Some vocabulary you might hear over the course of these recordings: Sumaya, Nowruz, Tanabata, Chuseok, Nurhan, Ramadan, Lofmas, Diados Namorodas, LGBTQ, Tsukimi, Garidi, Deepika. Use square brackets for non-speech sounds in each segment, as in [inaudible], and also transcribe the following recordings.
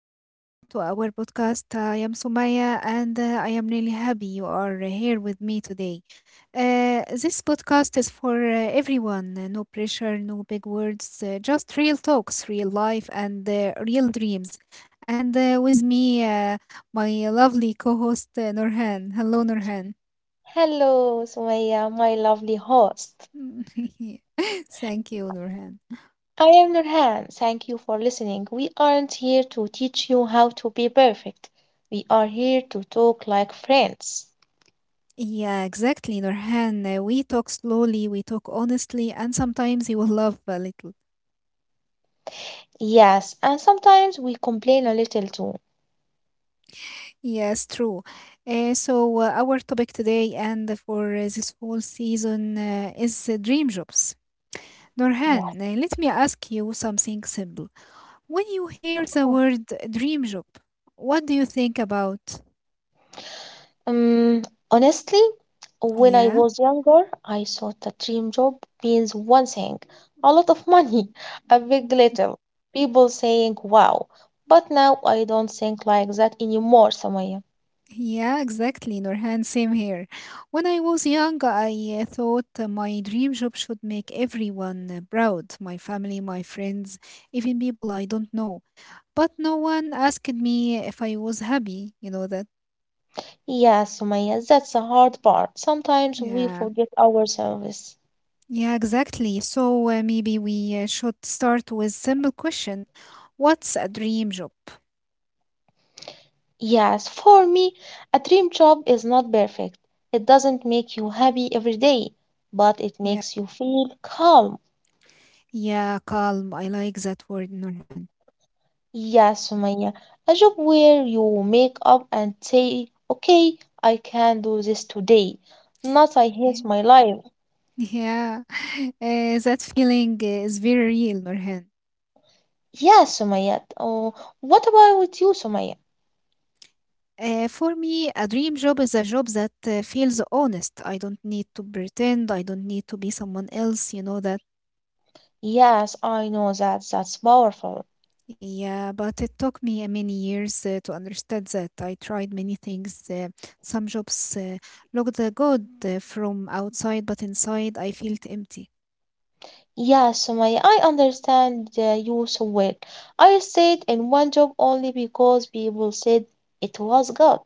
and welcome to our podcast. I am Sumaya, and I am really happy you are here with me today. This podcast is for everyone. No pressure, no big words, just real talks, real life, and real dreams. And With me, my lovely co host, Nurhan. Hello, Nurhan. Hello, Sumaya, my lovely host. [laughs] Thank you, Nurhan. I am Nurhan. Thank you for listening. We aren't here to teach you how to be perfect. We are here to talk like friends. Yeah, exactly, Nurhan. We talk slowly, we talk honestly, and sometimes you will laugh a little. Yes, and sometimes we complain a little too. Yes, true. So, our topic today and for this whole season is dream jobs. Yes. Norhan, let me ask you something simple. When you hear the Oh. word dream job, what do you think about? Um, honestly, when I Yeah. was younger, I thought a dream job means one thing, a lot of money, [laughs] a big little, people saying wow. But now I don't think like that anymore, Samaya. Yeah, exactly, Nurhan. Same here. When I was young, I thought my dream job should make everyone proud, my family, my friends, even people I don't know. But no one asked me if I was happy, you know that. Yes, Sumaya, that's the hard part. Sometimes we Yeah, forget ourselves. yeah, exactly. So maybe we should start with simple question. What's a dream job? Yes, for me, a dream job is not perfect. It doesn't make you happy every day, but it Yeah, makes you feel calm. yeah, calm. I like that word, Nurhan. Yes, Sumaya, a job where you make up and say, okay, I can do this today. Not I Yeah, hate my life. yeah. [laughs] That feeling is very real, Nurhan. Yes, Sumaya. Oh, what about with you, Sumaya? For me, a dream job is a job that feels honest. I don't need to pretend. I don't need to be someone else. You know that. Yes, I know that. That's powerful. Yeah, but it took me many years to understand that. I tried many things. Some jobs looked good from outside, but inside I felt empty. Yeah, Sumaya, I understand you so well. I stayed in one job only because people said it was good.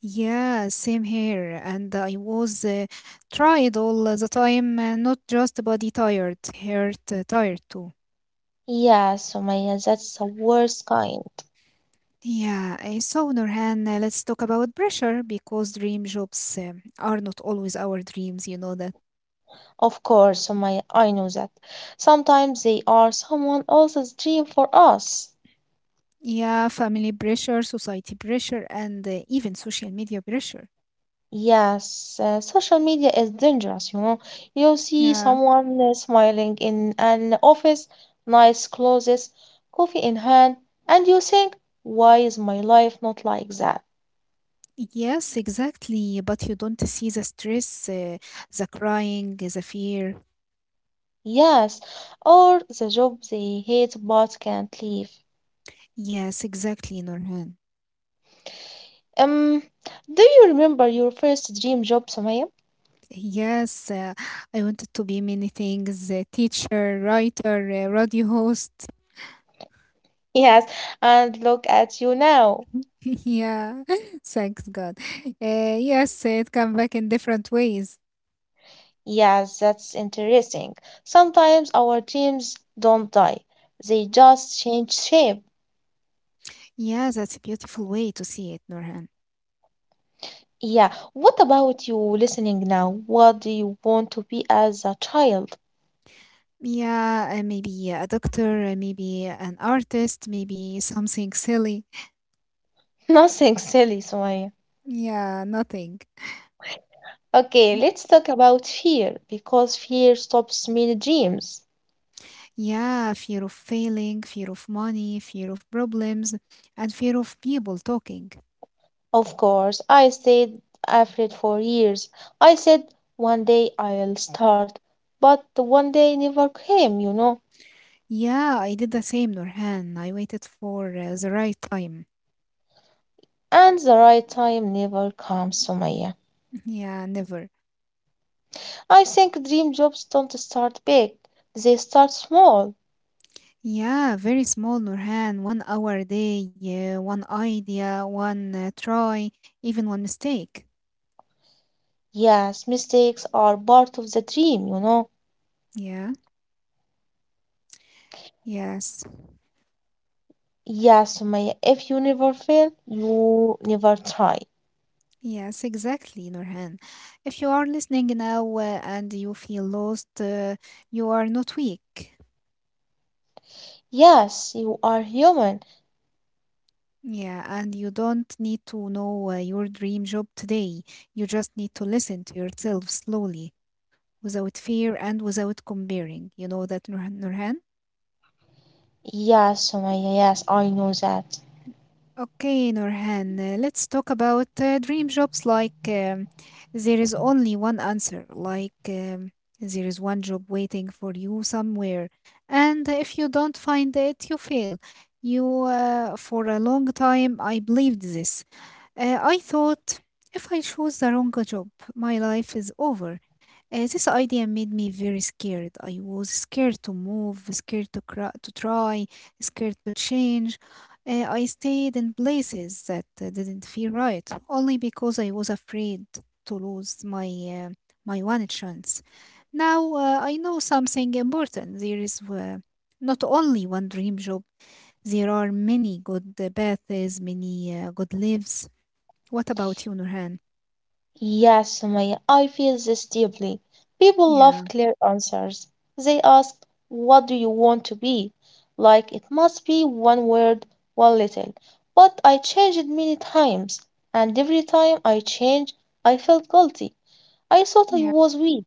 Yeah, same here. And I was tried all the time, not just body tired, heart tired too. Yeah, Sumaya, that's the worst kind. Yeah, so Nurhan, let's talk about pressure because dream jobs are not always our dreams, you know that. Of course, Sumaya, I know that. Sometimes they are someone else's dream for us. Yeah, family pressure, society pressure, and even social media pressure. Yes, social media is dangerous, you know. You see Yeah. someone smiling in an office, nice clothes, coffee in hand, and you think, why is my life not like that? Yes, exactly. But you don't see the stress, the crying, the fear. Yes, or the job they hate but can't leave. Yes, exactly, Nurhan. Um, do you remember your first dream job, Sumaya? [laughs] Yes, I wanted to be many things, a teacher, writer, radio host. Yes, and look at you now. [laughs] Yeah, [laughs] thanks God. Yes, it come back in different ways. Yes, that's interesting. Sometimes our dreams don't die, they just change shape. Yeah, that's a beautiful way to see it, Nurhan. Yeah, what about you listening now? What do you want to be as a child? Yeah, maybe a doctor, maybe an artist, maybe something silly. [laughs] Nothing silly, Sumaya. Yeah, nothing. Okay, let's talk about fear because fear stops many dreams. Yeah, fear of failing, fear of money, fear of problems, and fear of people talking. Of course, I stayed afraid for years. I said one day I'll start, but the one day never came, you know. Yeah, I did the same, Nurhan. I waited for the right time. And the right time never comes, Sumaya. [laughs] Yeah, never. I think dream jobs don't start big, they start small. Yeah, very small, Nurhan. One hour a day, yeah, one idea, one try, even one mistake. Yes, mistakes are part of the dream, you know. Yeah, yes. Yes, Sumaya, if you never fail, you never try. Yes, exactly, Nurhan. If you are listening now and you feel lost, you are not weak. Yes, you are human. Yeah, and you don't need to know your dream job today. You just need to listen to yourself slowly, without fear and without comparing. You know that, Nurhan? Nurhan? Yes, Sumaya, yes, I know that. Okay, Norhan, let's talk about dream jobs. There is only one answer. There is one job waiting for you somewhere. And if you don't find it, you fail. For a long time, I believed this. I thought, if I choose the wrong job, my life is over. This idea made me very scared. I was scared to move, scared to, cry, to try, scared to change. I stayed in places that didn't feel right, only because I was afraid to lose uh, my one chance. Now I know something important. There is not only one dream job. There are many good paths, many good lives. What about you, Nurhan? Yes, Sumaya, I feel this deeply. People love Yeah, clear answers. They ask, what do you want to be? Like it must be one word, one little. But I changed many times, and every time I changed, I felt guilty. I thought I yeah. was weak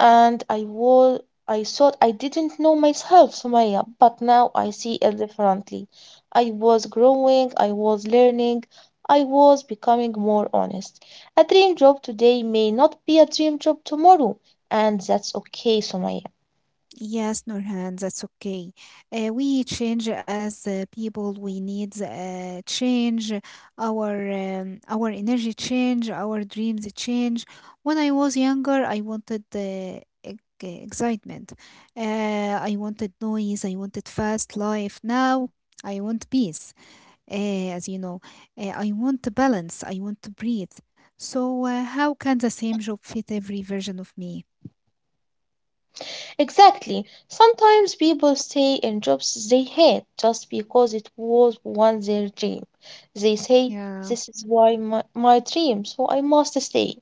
and I was I thought I didn't know myself, Sumaya, but now I see it differently. I was growing, I was learning, I was becoming more honest. A dream job today may not be a dream job tomorrow, and that's okay, Sumaya. Yes, Nurhan, that's okay. We change as people. We need change. Our energy change. Our dreams change. When I was younger, I wanted the excitement. I wanted noise. I wanted fast life. Now I want peace. As you know, I want balance. I want to breathe. So, how can the same job fit every version of me? Exactly. Sometimes people stay in jobs they hate just because it was once their dream. They say, Yeah. this is why my dream, so I must stay.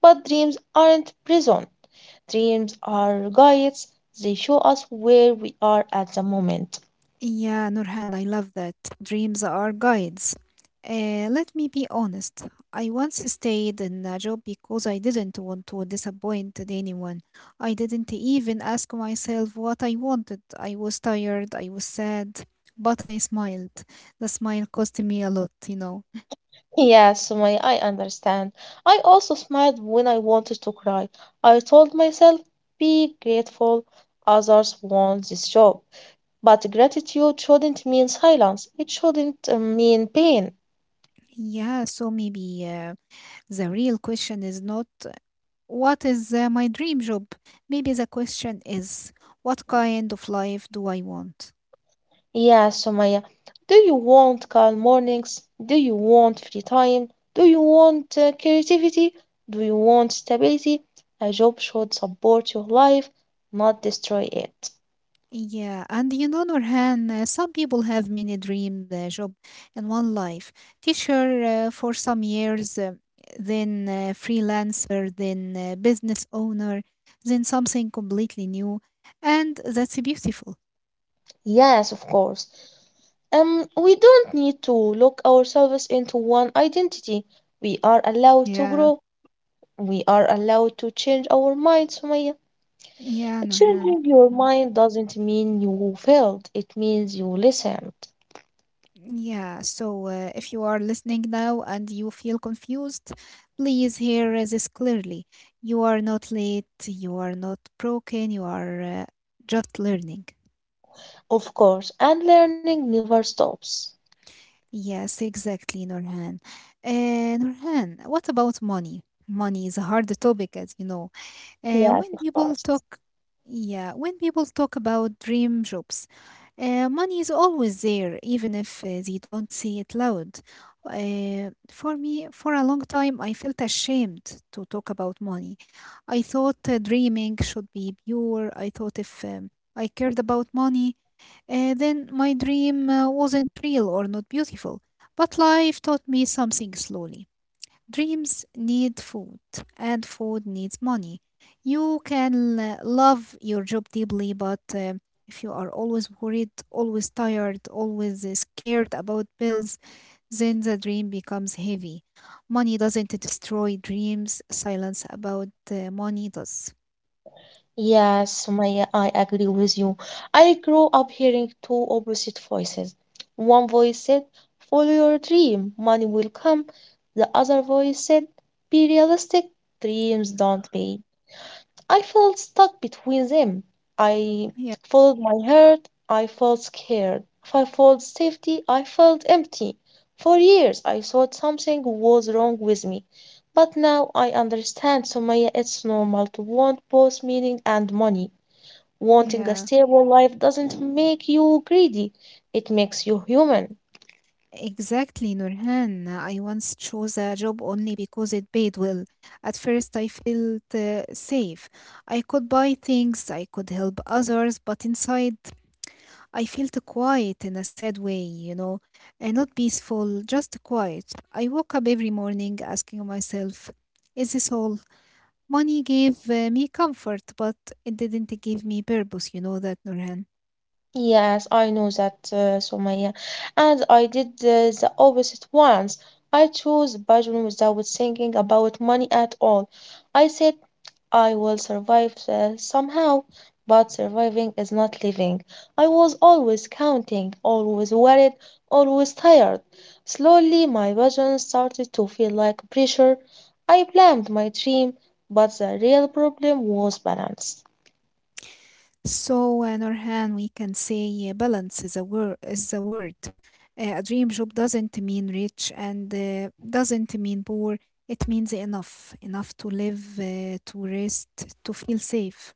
But dreams aren't prison, dreams are guides. They show us where we are at the moment. Yeah, Nurhan, I love that. Dreams are guides. Let me be honest. I once stayed in a job because I didn't want to disappoint anyone. I didn't even ask myself what I wanted. I was tired, I was sad, but I smiled. The smile cost me a lot, you know. Yes, Sumaya, I understand. I also smiled when I wanted to cry. I told myself, be grateful, others want this job. But gratitude shouldn't mean silence, it shouldn't mean pain. Yeah, so maybe the real question is not what is my dream job? Maybe the question is what kind of life do I want? Yes, Sumaya, do you want calm mornings? Do you want free time? Do you want creativity? Do you want stability? A job should support your life, not destroy it. Yeah, and you know, Nurhan, some people have many dream job in one life. Teacher for some years, then freelancer, then business owner, then something completely new, and that's beautiful. Yes, of course. We don't need to lock ourselves into one identity. We are allowed to Yeah, grow. We are allowed to change our minds, Sumaya. yeah, Nurhan. Changing your Mm. mind doesn't mean you failed. It means you listened, Yeah, so if you are listening now and you feel confused, please hear this clearly. You are not late, you are not broken, you are just learning. of course, and learning never stops. Yes, exactly, Nurhan. Nurhan, what about money? Money is a hard topic, as you know. Uh, Yes, when of people course. talk, yeah, when people talk about dream jobs, money is always there, even if they don't say it loud. For me, for a long time, I felt ashamed to talk about money. I thought dreaming should be pure. I thought if I cared about money, then my dream wasn't real or not beautiful, but life taught me something slowly. Dreams need food, and food needs money. You can love your job deeply, but if you are always worried, always tired, always scared about bills, then the dream becomes heavy. Money doesn't destroy dreams, silence about money does. Yes, Maya, I agree with you. I grew up hearing two opposite voices. One voice said, follow your dream, money will come. The other voice said, be realistic, dreams don't pay. I felt stuck between them. I Yeah, followed my heart, I felt scared. I felt safety, I felt empty. For years I thought something was wrong with me. But now I understand, Sumaya, it's normal to want both meaning and money. Wanting a yeah. stable life doesn't make you greedy, it makes you human. Exactly, Nurhan. I once chose a job only because it paid well. At first, I felt safe. I could buy things, I could help others, but inside, I felt quiet in a sad way, you know, and not peaceful, just quiet. I woke up every morning asking myself, is this all? Money gave me comfort, but it didn't give me purpose, you know that, Nurhan. Yes, I know that, Sumaya. And I did the opposite once. I chose bedroom without thinking about money at all. I said, I will survive somehow, but surviving is not living. I was always counting, always worried, always tired. Slowly, my vision started to feel like pressure. I blamed my dream, but the real problem was balance. So, Nurhan, we can say balance is a word. Is a word. A dream job doesn't mean rich and doesn't mean poor. It means enough, enough to live, to rest, to feel safe.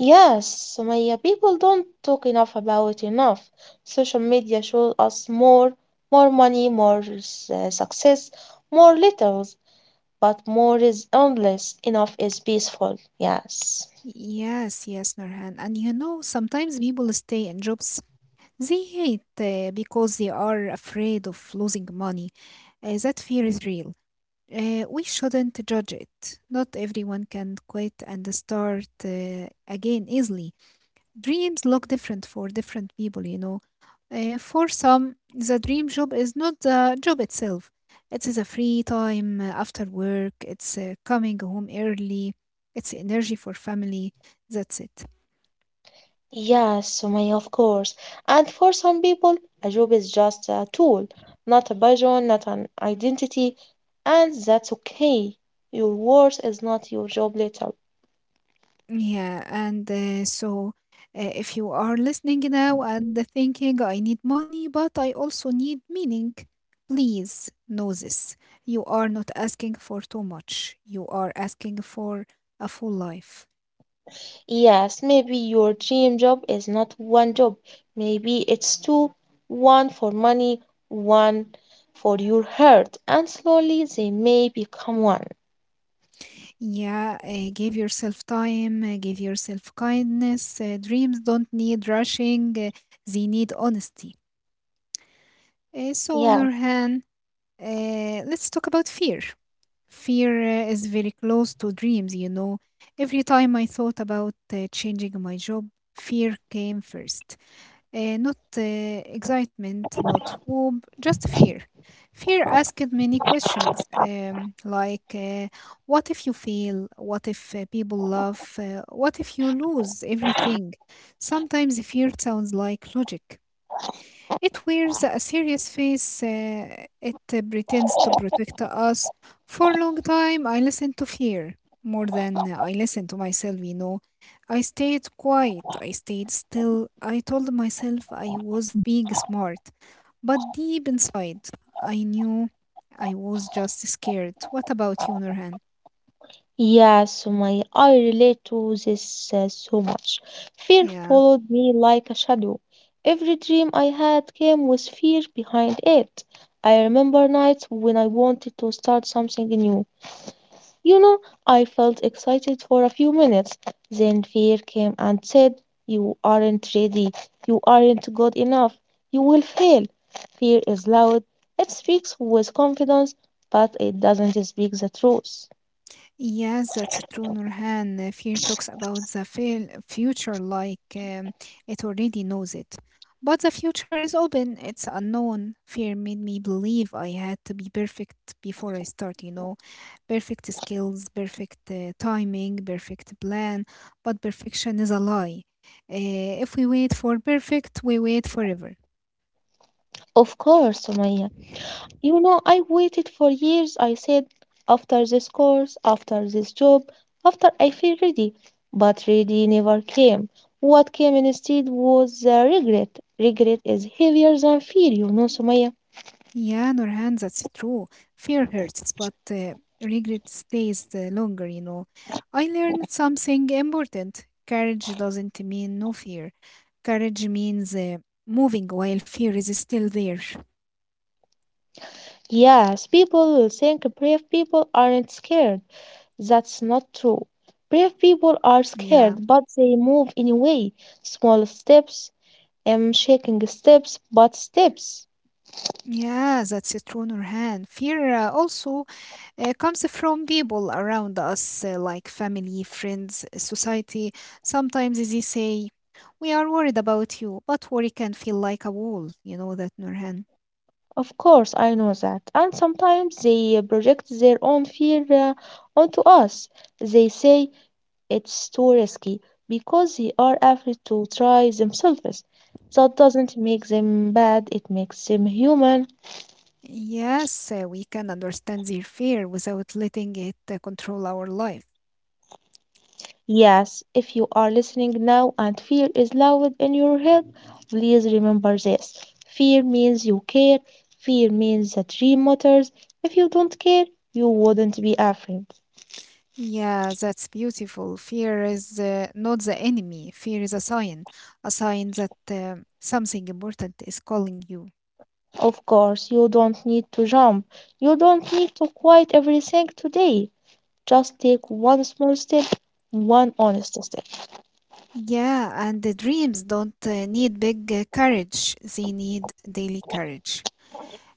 Yes, Sumaya, people don't talk enough about it enough. Social media shows us more, more money, more success, more littles, but more is endless, enough is peaceful. Yes. Yes, yes, Nurhan. And you know, sometimes people stay in jobs they hate because they are afraid of losing money. That fear is real. We shouldn't judge it. Not everyone can quit and start again easily. Dreams look different for different people, you know. For some, the dream job is not the job itself. It is a free time after work. It's coming home early. It's energy for family. That's it. Yes, Sumaya, of course. And for some people, a job is just a tool, not a vision, not an identity, and that's okay. Your worth is not your job later. Yeah. And so, if you are listening now and thinking, I need money, but I also need meaning, please know this. You are not asking for too much, you are asking for a full life. Yes, maybe your dream job is not one job. Maybe it's two, one for money, one for your heart, and slowly they may become one. Yeah, give yourself time, give yourself kindness. Dreams don't need rushing, they need honesty. So, Yeah, Norhan, let's talk about fear. Fear is very close to dreams, you know. Every time I thought about changing my job, fear came first not excitement, not hope, just fear. Fear asked many questions like what if you fail? What if people laugh? What if you lose everything? Sometimes fear sounds like logic, it wears a serious face. It pretends to protect us. For a long time, I listened to fear more than I listened to myself, you know. I stayed quiet. I stayed still. I told myself I was being smart. But deep inside, I knew I was just scared. What about you, Nurhan? yeah, Sumaya, I relate to this so much. Fear Yeah. followed me like a shadow. Every dream I had came with fear behind it. I remember nights when I wanted to start something new. You know, I felt excited for a few minutes. Then fear came and said, you aren't ready. You aren't good enough. You will fail. Fear is loud. It speaks with confidence, but it doesn't speak the truth. Yes, that's true, Nurhan. Fear talks about the fail future like it already knows it. But the future is open, it's unknown. Fear made me believe I had to be perfect before I start, you know. Perfect skills, perfect timing, perfect plan. But perfection is a lie. If we wait for perfect, we wait forever. Of course, Sumaya. I waited for years. I said, after this course, after this job, after I feel ready. But ready never came. What came instead was the regret. Regret is heavier than fear, Sumaya. Yeah, Nurhan, that's true. Fear hurts, but regret stays longer, you know. I learned something important. Courage doesn't mean no fear. Courage means moving while fear is still there. Yes, people will think brave people aren't scared. That's not true. Brave people are Yeah. scared, but they move anyway. Small steps, shaking steps, but steps. Yeah, that's a true, Nurhan. Fear also comes from people around us, like family, friends, society. Sometimes they say, we are worried about you, but worry can feel like a wall, you know that, Nurhan. Of course, I know that. And sometimes they project their own fear onto us. They say it's too risky because they are afraid to try themselves. That doesn't make them bad, it makes them human. Yes, we can understand their fear without letting it control our life. Yes, if you are listening now and fear is loud in your head, please remember this. Fear means you care, fear means that dream matters. If you don't care, you wouldn't be afraid. Yeah, that's beautiful. Fear is not the enemy, fear is a sign that something important is calling you. Of course, you don't need to jump. You don't need to quit everything today. Just take one small step, one honest step. Yeah, and the dreams don't need big courage, they need daily courage.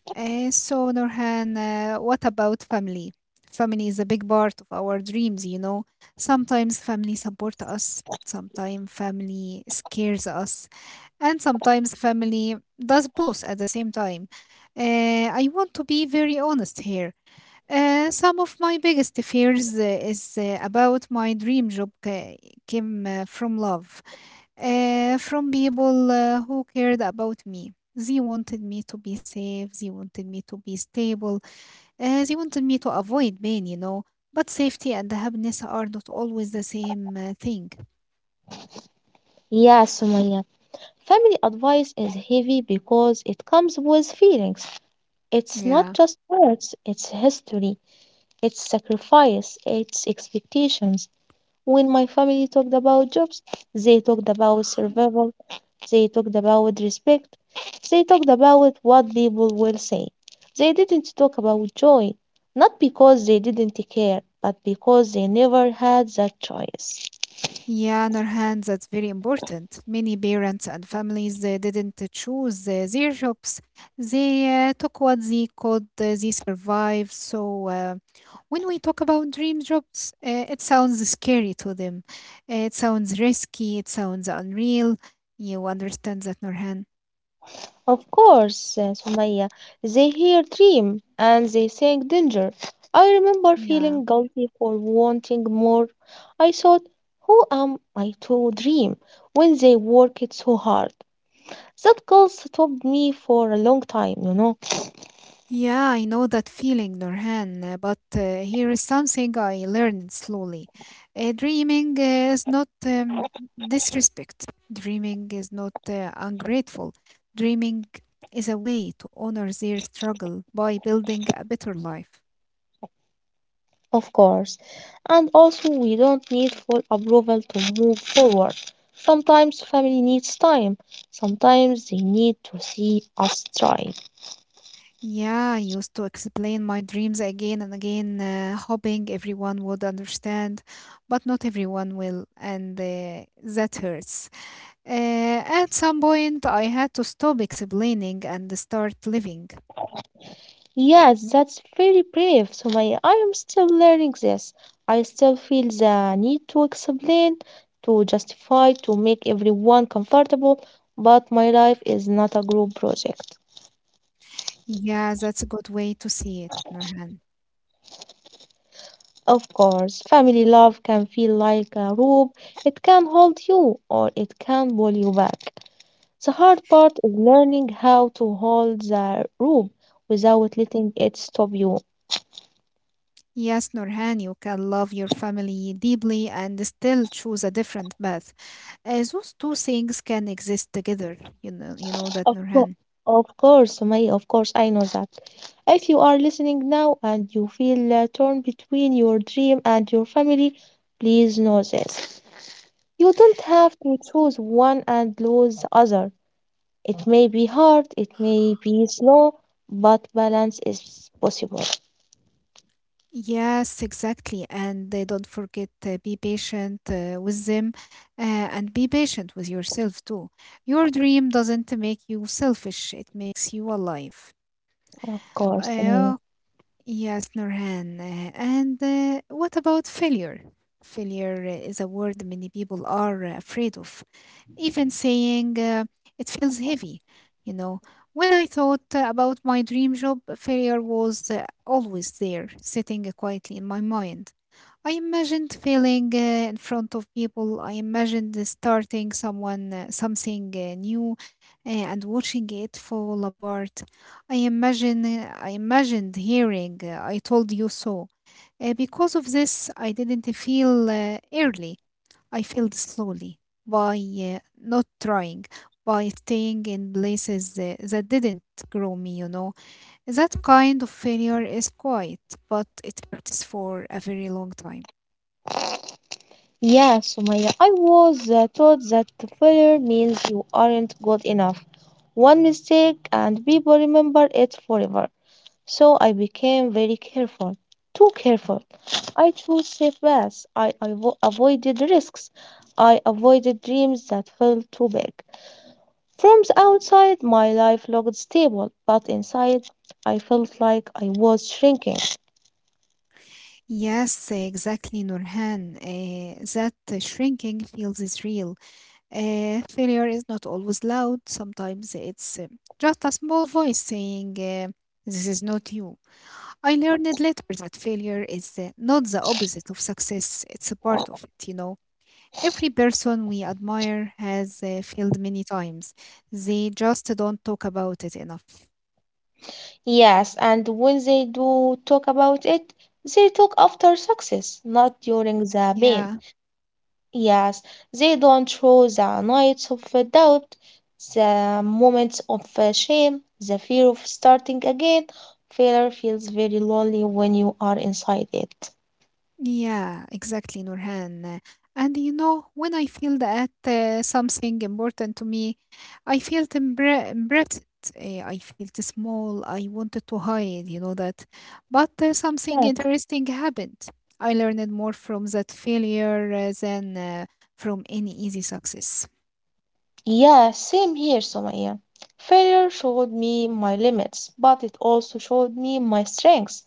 So, Nurhan, what about family? Family is a big part of our dreams, you know. Sometimes family support us, sometimes family scares us, and sometimes family does both at the same time. I want to be very honest here. Some of my biggest fears is about my came from love from people who cared about me. They wanted me to be safe. They wanted me to be stable. They wanted me to avoid pain, you know. But safety and happiness are not always the same thing. Yes, Sumaya, family advice is heavy because it comes with feelings. It's not Yeah. just words, it's history, it's sacrifice, it's expectations. When my family talked about jobs, they talked about survival. They talked about respect. They talked about what people will say. They didn't talk about joy, not because they didn't care, but because they never had that choice. Yeah, Nurhan, that's very important. Many parents and families didn't choose their jobs. They took what they could, they survived. So when we talk about dream jobs, it sounds scary to them. It sounds risky. It sounds unreal. You understand that, Norhan? Of course, Sumaya, they hear dream and they think danger. I remember Yeah. feeling guilty for wanting more. I thought, who am I to dream when they work it so hard? That girl stopped me for a long time. Yeah, I know that feeling, Norhan, but here is something I learned slowly. Dreaming is not disrespect. Dreaming is not ungrateful. Dreaming is a way to honor their struggle by building a better life. Of course. And also, we don't need full approval to move forward. Sometimes family needs time. Sometimes they need to see us trying. Yeah, I used to explain my dreams again and again, hoping everyone would understand, but not everyone will, and that hurts. Uh, at some point, I had to stop explaining and start living. Yes, that's very brave, Sumaya. I am still learning this. I still feel the need to explain, to justify, to make everyone comfortable, but my life is not a group project. Yeah, that's a good way to see it, Nurhan. Of course, family love can feel like a rope. It can hold you or it can pull you back. The hard part is learning how to hold the rope without letting it stop you. Yes, Nurhan, you can love your family deeply and still choose a different path. Those two things can exist together. You know that, Of course, Nurhan. of course, May, of course, I know that. If you are listening now and you feel torn between your dream and your family, please know this. You don't have to choose one and lose the other. It may be hard, it may be slow, but balance is possible. Yes, exactly. And they don't forget be patient with them and be patient with yourself too. Your dream doesn't make you selfish, it makes you alive. Of course, May. Uh, yes, Nurhan. And what about failure? Failure is a word many people are afraid of. Even saying it feels heavy. You know, when I thought about my dream job, failure was always there, sitting quietly in my mind. I imagined failing in front of people. I imagined starting someone something new and watching it fall apart. I imagined hearing I told you so. Because of this, I didn't feel early. I failed slowly by not trying, by staying in places that didn't grow me, you know. That kind of failure is quiet, but it hurts for a very long time. Yeah, Sumaya, I was taught that failure means you aren't good enough. One mistake and people remember it forever. So I became very careful, too careful. I chose safe paths. I avoided risks. I avoided dreams that felt too big. From the outside, my life looked stable, but inside, I felt like I was shrinking. Yes, exactly, Nurhan. That shrinking feels is real. Failure is not always loud. Sometimes it's just a small voice saying, this is not you. I learned later that failure is not the opposite of success, it's a part of it, you know. Every person we admire has failed many times, they just don't talk about it enough. Yes, and when they do talk about it, they talk after success, not during the pain. Yeah. Yes, they don't show the nights of doubt, the moments of shame, the fear of starting again. Failure feels very lonely when you are inside it. Yeah, exactly, Nurhan. And you know, when I feel that something important to me, I felt embarrassed. I felt small. I wanted to hide, you know that. But something interesting happened. I learned more from that failure than from any easy success. Yeah, same here, Somaya. Failure showed me my limits, but it also showed me my strengths.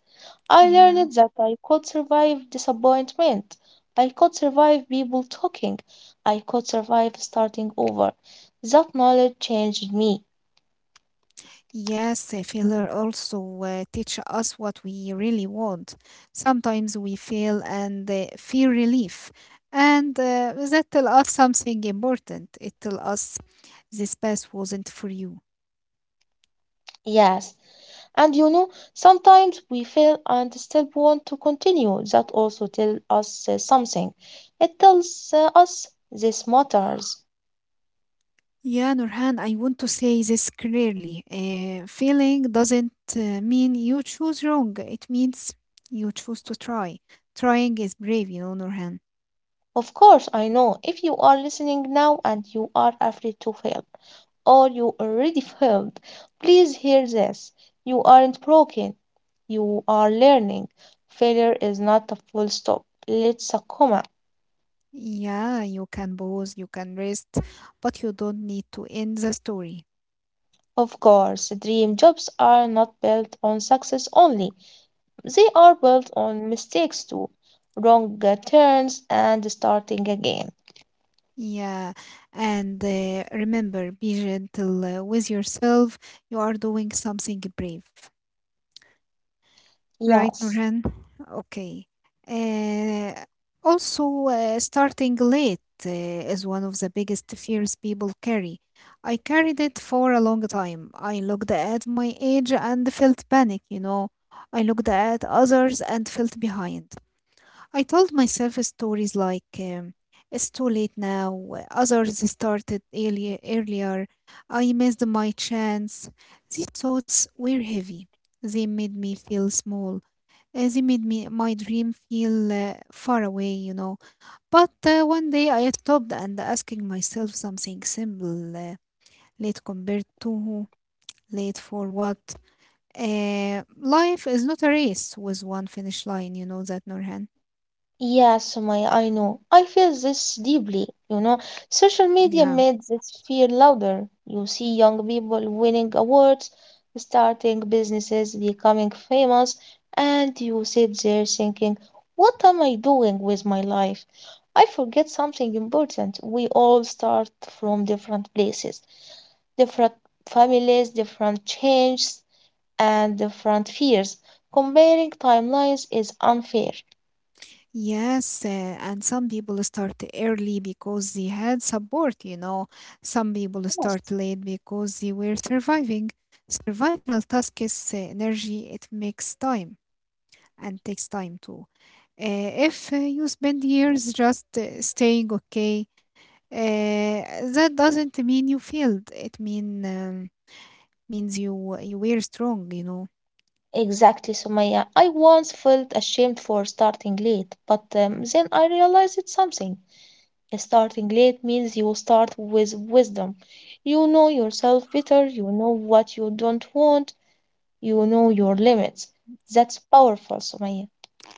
I Yeah. learned that I could survive disappointment. I could survive people talking. I could survive starting over. That knowledge changed me. Yes, failure also teach us what we really want. Sometimes we fail and feel relief, and that tell us something important. It tell us this path wasn't for you. Yes. And sometimes we fail and still want to continue. That also tells us something. It tells us this matters. Yeah, Nurhan, I want to say this clearly. Failing doesn't mean you choose wrong. It means you choose to try. Trying is brave, you know, Nurhan. Of course, I know if you are listening now and you are afraid to fail, or you already failed, please hear this. You aren't broken, you are learning. Failure is not a full stop, it's a comma. Yeah, you can pause, you can rest, but you don't need to end the story. Of course, dream jobs are not built on success only, they are built on mistakes too, wrong turns, and starting again. Yeah, and remember, be gentle with yourself. You are doing something brave, right, Yes. Nurhan? Okay. Uh, also, starting late is one of the biggest fears people carry. I carried it for a long time. I looked at my age and felt panic, you know. I looked at others and felt behind. I told myself stories like, it's too late now, others started earlier, I missed my chance. These thoughts were heavy. They made me feel small. They made me my dream feel far away, you know. But one day I stopped and asking myself something simple, late compared to who, late for what. Life is not a race with one finish line, you know that, Norhan. Yeah, Sumaya, I know. I feel this deeply, you know. Social media Yeah. made this fear louder. You see young people winning awards, starting businesses, becoming famous, and you sit there thinking, what am I doing with my life? I forget something important. We all start from different places, different families, different changes, and different fears. Comparing timelines is unfair. Yes, and some people start early because they had support, you know. Some people start late because they were surviving. Survival tasks energy, it makes time and takes time too. If you spend years just staying okay, uh, that doesn't mean you failed. It means you were strong, you know. Exactly, Sumaya. I once felt ashamed for starting late, but then I realized something. Starting late means you start with wisdom. You know yourself better, you know what you don't want, you know your limits. That's powerful, Sumaya.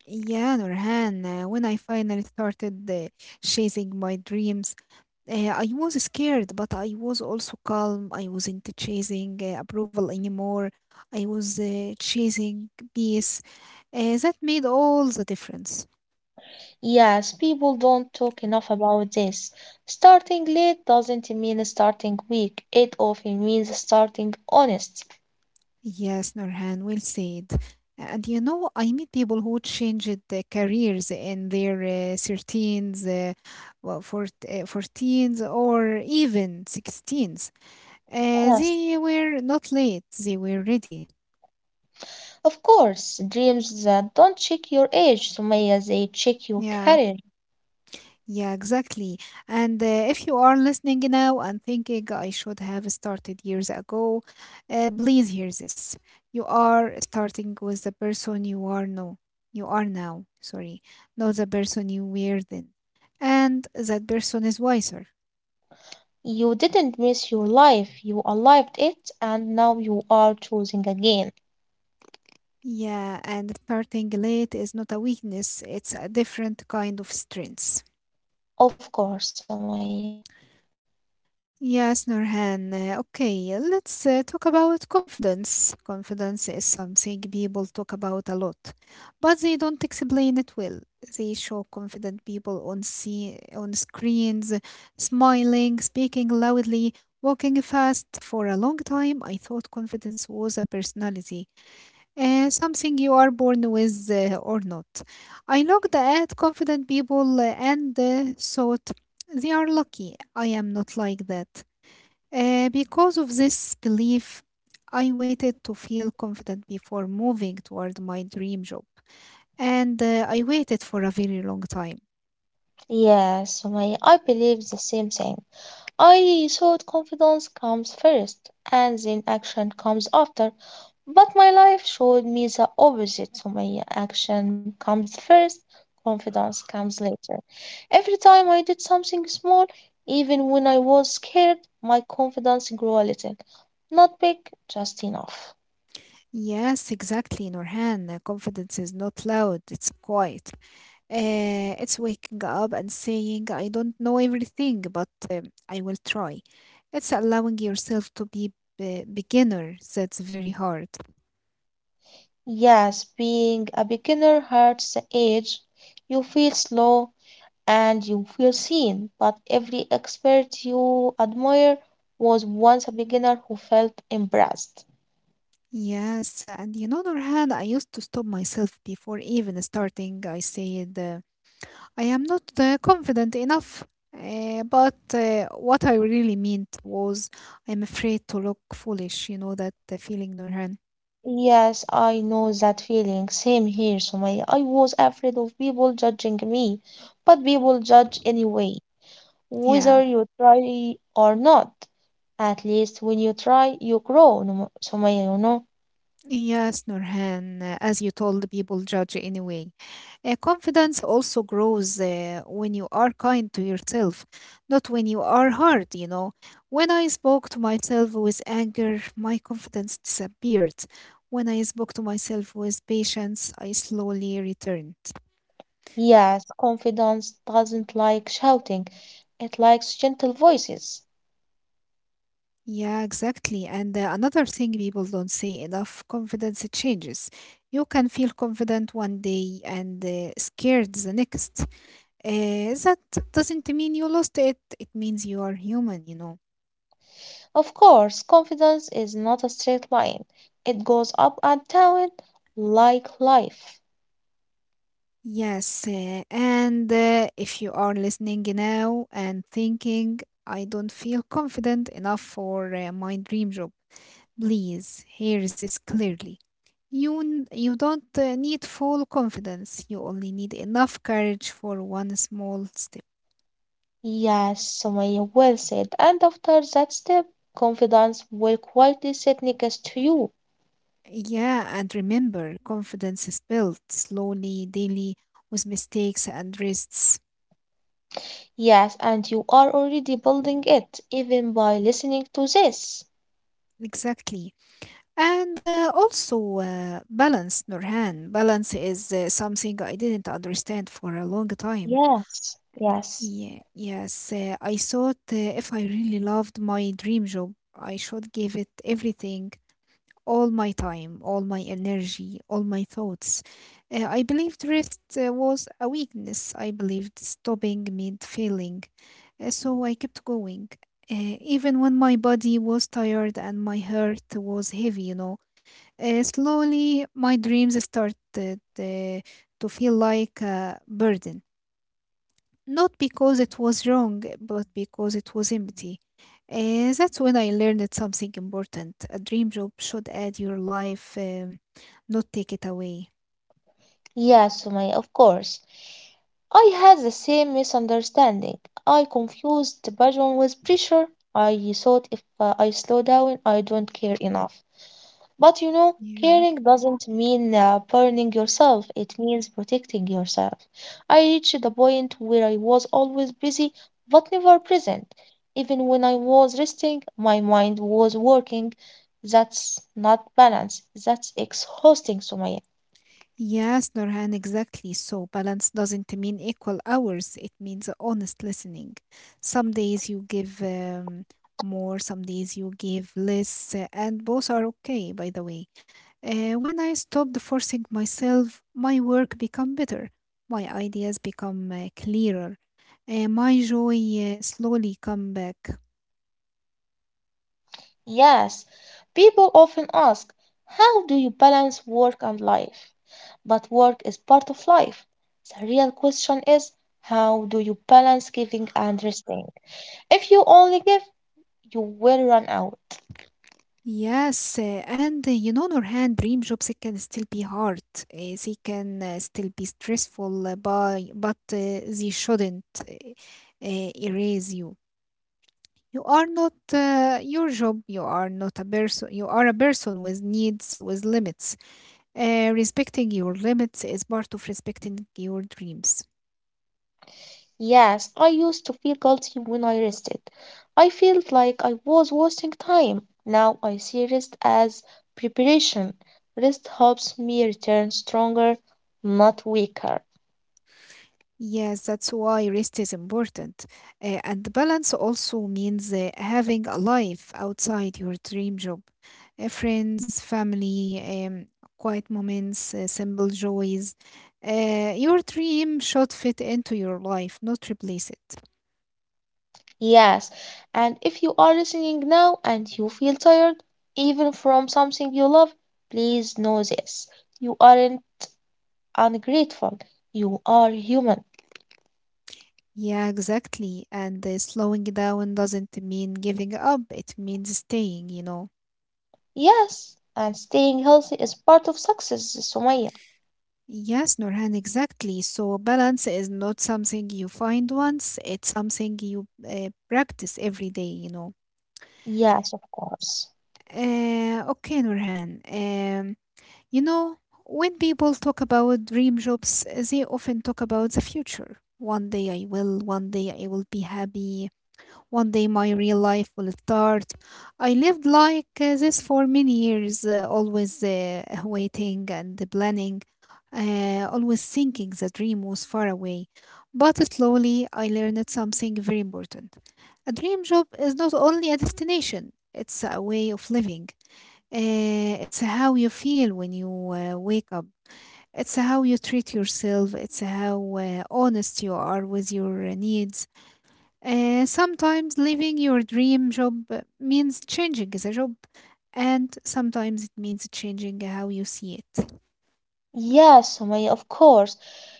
Yeah, Nurhan, when I finally started chasing my dreams, I was scared, but I was also calm. I wasn't chasing approval anymore. I was chasing peace. That made all the difference. Yes, people don't talk enough about this. Starting late doesn't mean starting weak, it often means starting honest. Yes, Norhan, well said. And you know, I meet people who changed their careers in their 13s, 14s, or even 16s. Yes. They were not late, they were ready. Of course, dreams that don't check your age, Sumaya, they check your Yeah. career. Yeah, exactly. And if you are listening now and thinking I should have started years ago, please hear this. You are starting with the person you are now. You are now, sorry, not the person you were then. And that person is wiser. You didn't miss your life, you arrived it, and now you are choosing again. Yeah, and starting late is not a weakness, it's a different kind of strength. Of course, Sumaya. Yes, Nurhan. Okay, let's talk about confidence. Confidence is something people talk about a lot, but they don't explain it well. They show confident people on screens, smiling, speaking loudly, walking fast. For a long time, I thought confidence was a personality, something you are born with or not. I looked at confident people and thought, they are lucky. I am not like that. Because of this belief, I waited to feel confident before moving toward my dream job. And I waited for a very long time. Yes, Sumaya, I believe the same thing. I thought confidence comes first and then action comes after, but my life showed me the opposite. So my action comes first, confidence comes later. Every time I did something small, even when I was scared, my confidence grew a little. Not big, just enough. Yes, exactly, Norhan. Confidence is not loud, it's quiet. It's waking up and saying, I don't know everything, but I will try. It's allowing yourself to be a beginner. That's very hard. Yes, being a beginner hurts the age. You feel slow, and you feel seen. But every expert you admire was once a beginner who felt embarrassed. Yes, and you know, Norhan, I used to stop myself before even starting. I said, I am not confident enough. But what I really meant was, I'm afraid to look foolish, you know, that feeling, Nurhan. Yes, I know that feeling. Same here, Sumaya. I was afraid of people judging me, but people judge anyway, Yeah. whether you try or not. At least when you try, you grow, Num- Sumaya, you know. Yes, Nurhan, as you told, people judge anyway. Confidence also grows when you are kind to yourself, not when you are hard, you know. When I spoke to myself with anger, my confidence disappeared. When I spoke to myself with patience, I slowly returned. Yes, confidence doesn't like shouting, it likes gentle voices. Yeah, exactly. And another thing people don't say enough, confidence changes. You can feel confident one day and scared the next. That doesn't mean you lost it, it means you are human, you know. Of course, confidence is not a straight line. It goes up and down like life. Yes, and if you are listening now and thinking, I don't feel confident enough for my dream job, please hear this clearly. You don't need full confidence. You only need enough courage for one small step. Yes, Sumaya, well said. And after that step, confidence will quietly sit next to you. Yeah, and remember, confidence is built slowly, daily, with mistakes and rests. Yes, and you are already building it, even by listening to this. Exactly. And also balance, Nurhan. Balance is something I didn't understand for a long time. Yes, yes. Yeah, yes, I thought if I really loved my dream job, I should give it everything, all my time, all my energy, all my thoughts. I believed rest was a weakness. I believed stopping meant failing. So I kept going. Uh, Even when my body was tired and my heart was heavy, you know, slowly my dreams started uh, to feel like a burden. Not because it was wrong, but because it was empty. That's when I learned something important. A dream job should add your life, not take it away. Yeah, Sumaya, of course. I had the same misunderstanding. I confused passion with pressure. I thought if I slow down, I don't care enough. But you know, Yeah. caring doesn't mean burning yourself, it means protecting yourself. I reached the point where I was always busy but never present. Even when I was resting, my mind was working. That's not balance, that's exhausting, Sumaya. Yes, Norhan, exactly. So balance doesn't mean equal hours. It means honest listening. Some days you give more, some days you give less, and both are okay, by the way. When I stopped forcing myself, my work become better, my ideas become clearer, my joy slowly come back. Yes, people often ask, how do you balance work and life? But work is part of life. The real question is, how do you balance giving and resting? If you only give, you will run out. Yes, and you know, Nurhan, dream jobs can still be hard. They can still be stressful, but they shouldn't erase you. You are not your job. You are not a person. You are a person with needs, with limits. Respecting your limits is part of respecting your dreams. Yes, I used to feel guilty when I rested. I felt like I was wasting time. Now I see rest as preparation. Rest helps me return stronger, not weaker. Yes, that's why rest is important. And balance also means having a life outside your dream job. Friends, family, quiet moments, simple joys. Your dream should fit into your life, not replace it. Yes, and if you are listening now and you feel tired, even from something you love, please know this. You aren't ungrateful. You are human. Yeah, exactly. And slowing down doesn't mean giving up, it means staying, you know. Yes, and staying healthy is part of success, Sumaya. Yes, Norhan, exactly. So balance is not something you find once, it's something you practice every day, you know. Yes, of course. Okay, Norhan. You know, when people talk about dream jobs, they often talk about the future. One day I will, one day I will be happy, one day my real life will start. I lived like this for many years, always waiting and planning, always thinking the dream was far away. But slowly I learned something very important. A dream job is not only a destination, it's a way of living. It's how you feel when you wake up. It's how you treat yourself. It's how honest you are with your needs, sometimes leaving your dream job means changing the job, and sometimes it means changing how you see it. Yes, Sumaya, of course.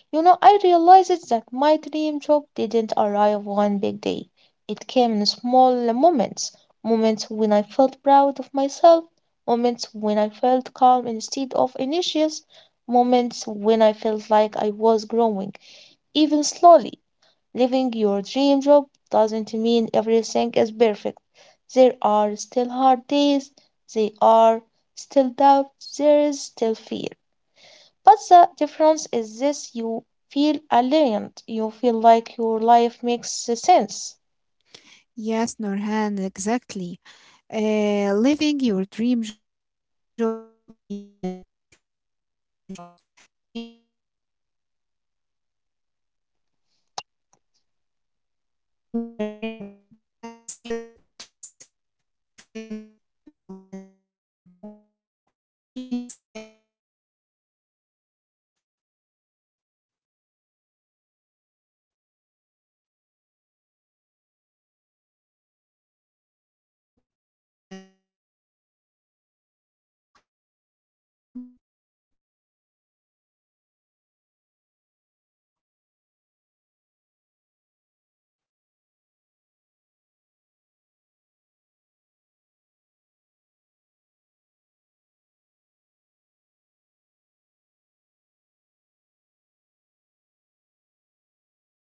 You know, I realized that my dream job didn't arrive one big day. It came in small moments, moments when I felt proud of myself, moments when I felt calm instead of anxious, moments when I felt like I was growing, even slowly. Living your dream job doesn't mean everything is perfect. There are still hard days, there are still doubts, there is still fear. But the difference is this you feel aligned, you feel like your life makes sense. Yes, Norhan, exactly. Living your dream job also means accepting reality, you know. Dreams change, energy changes, life happens. You may love your dream job and still need rest. You may feel grateful and still want more. These feelings can exist together, you know, Norhan. Okay, Norhan. I used to think I had to choose, be grateful or want more, be realistic or dream. Now I know I can be both. Living your dream job means listening, listening to your body, listening to your heart, listening when something feels wrong.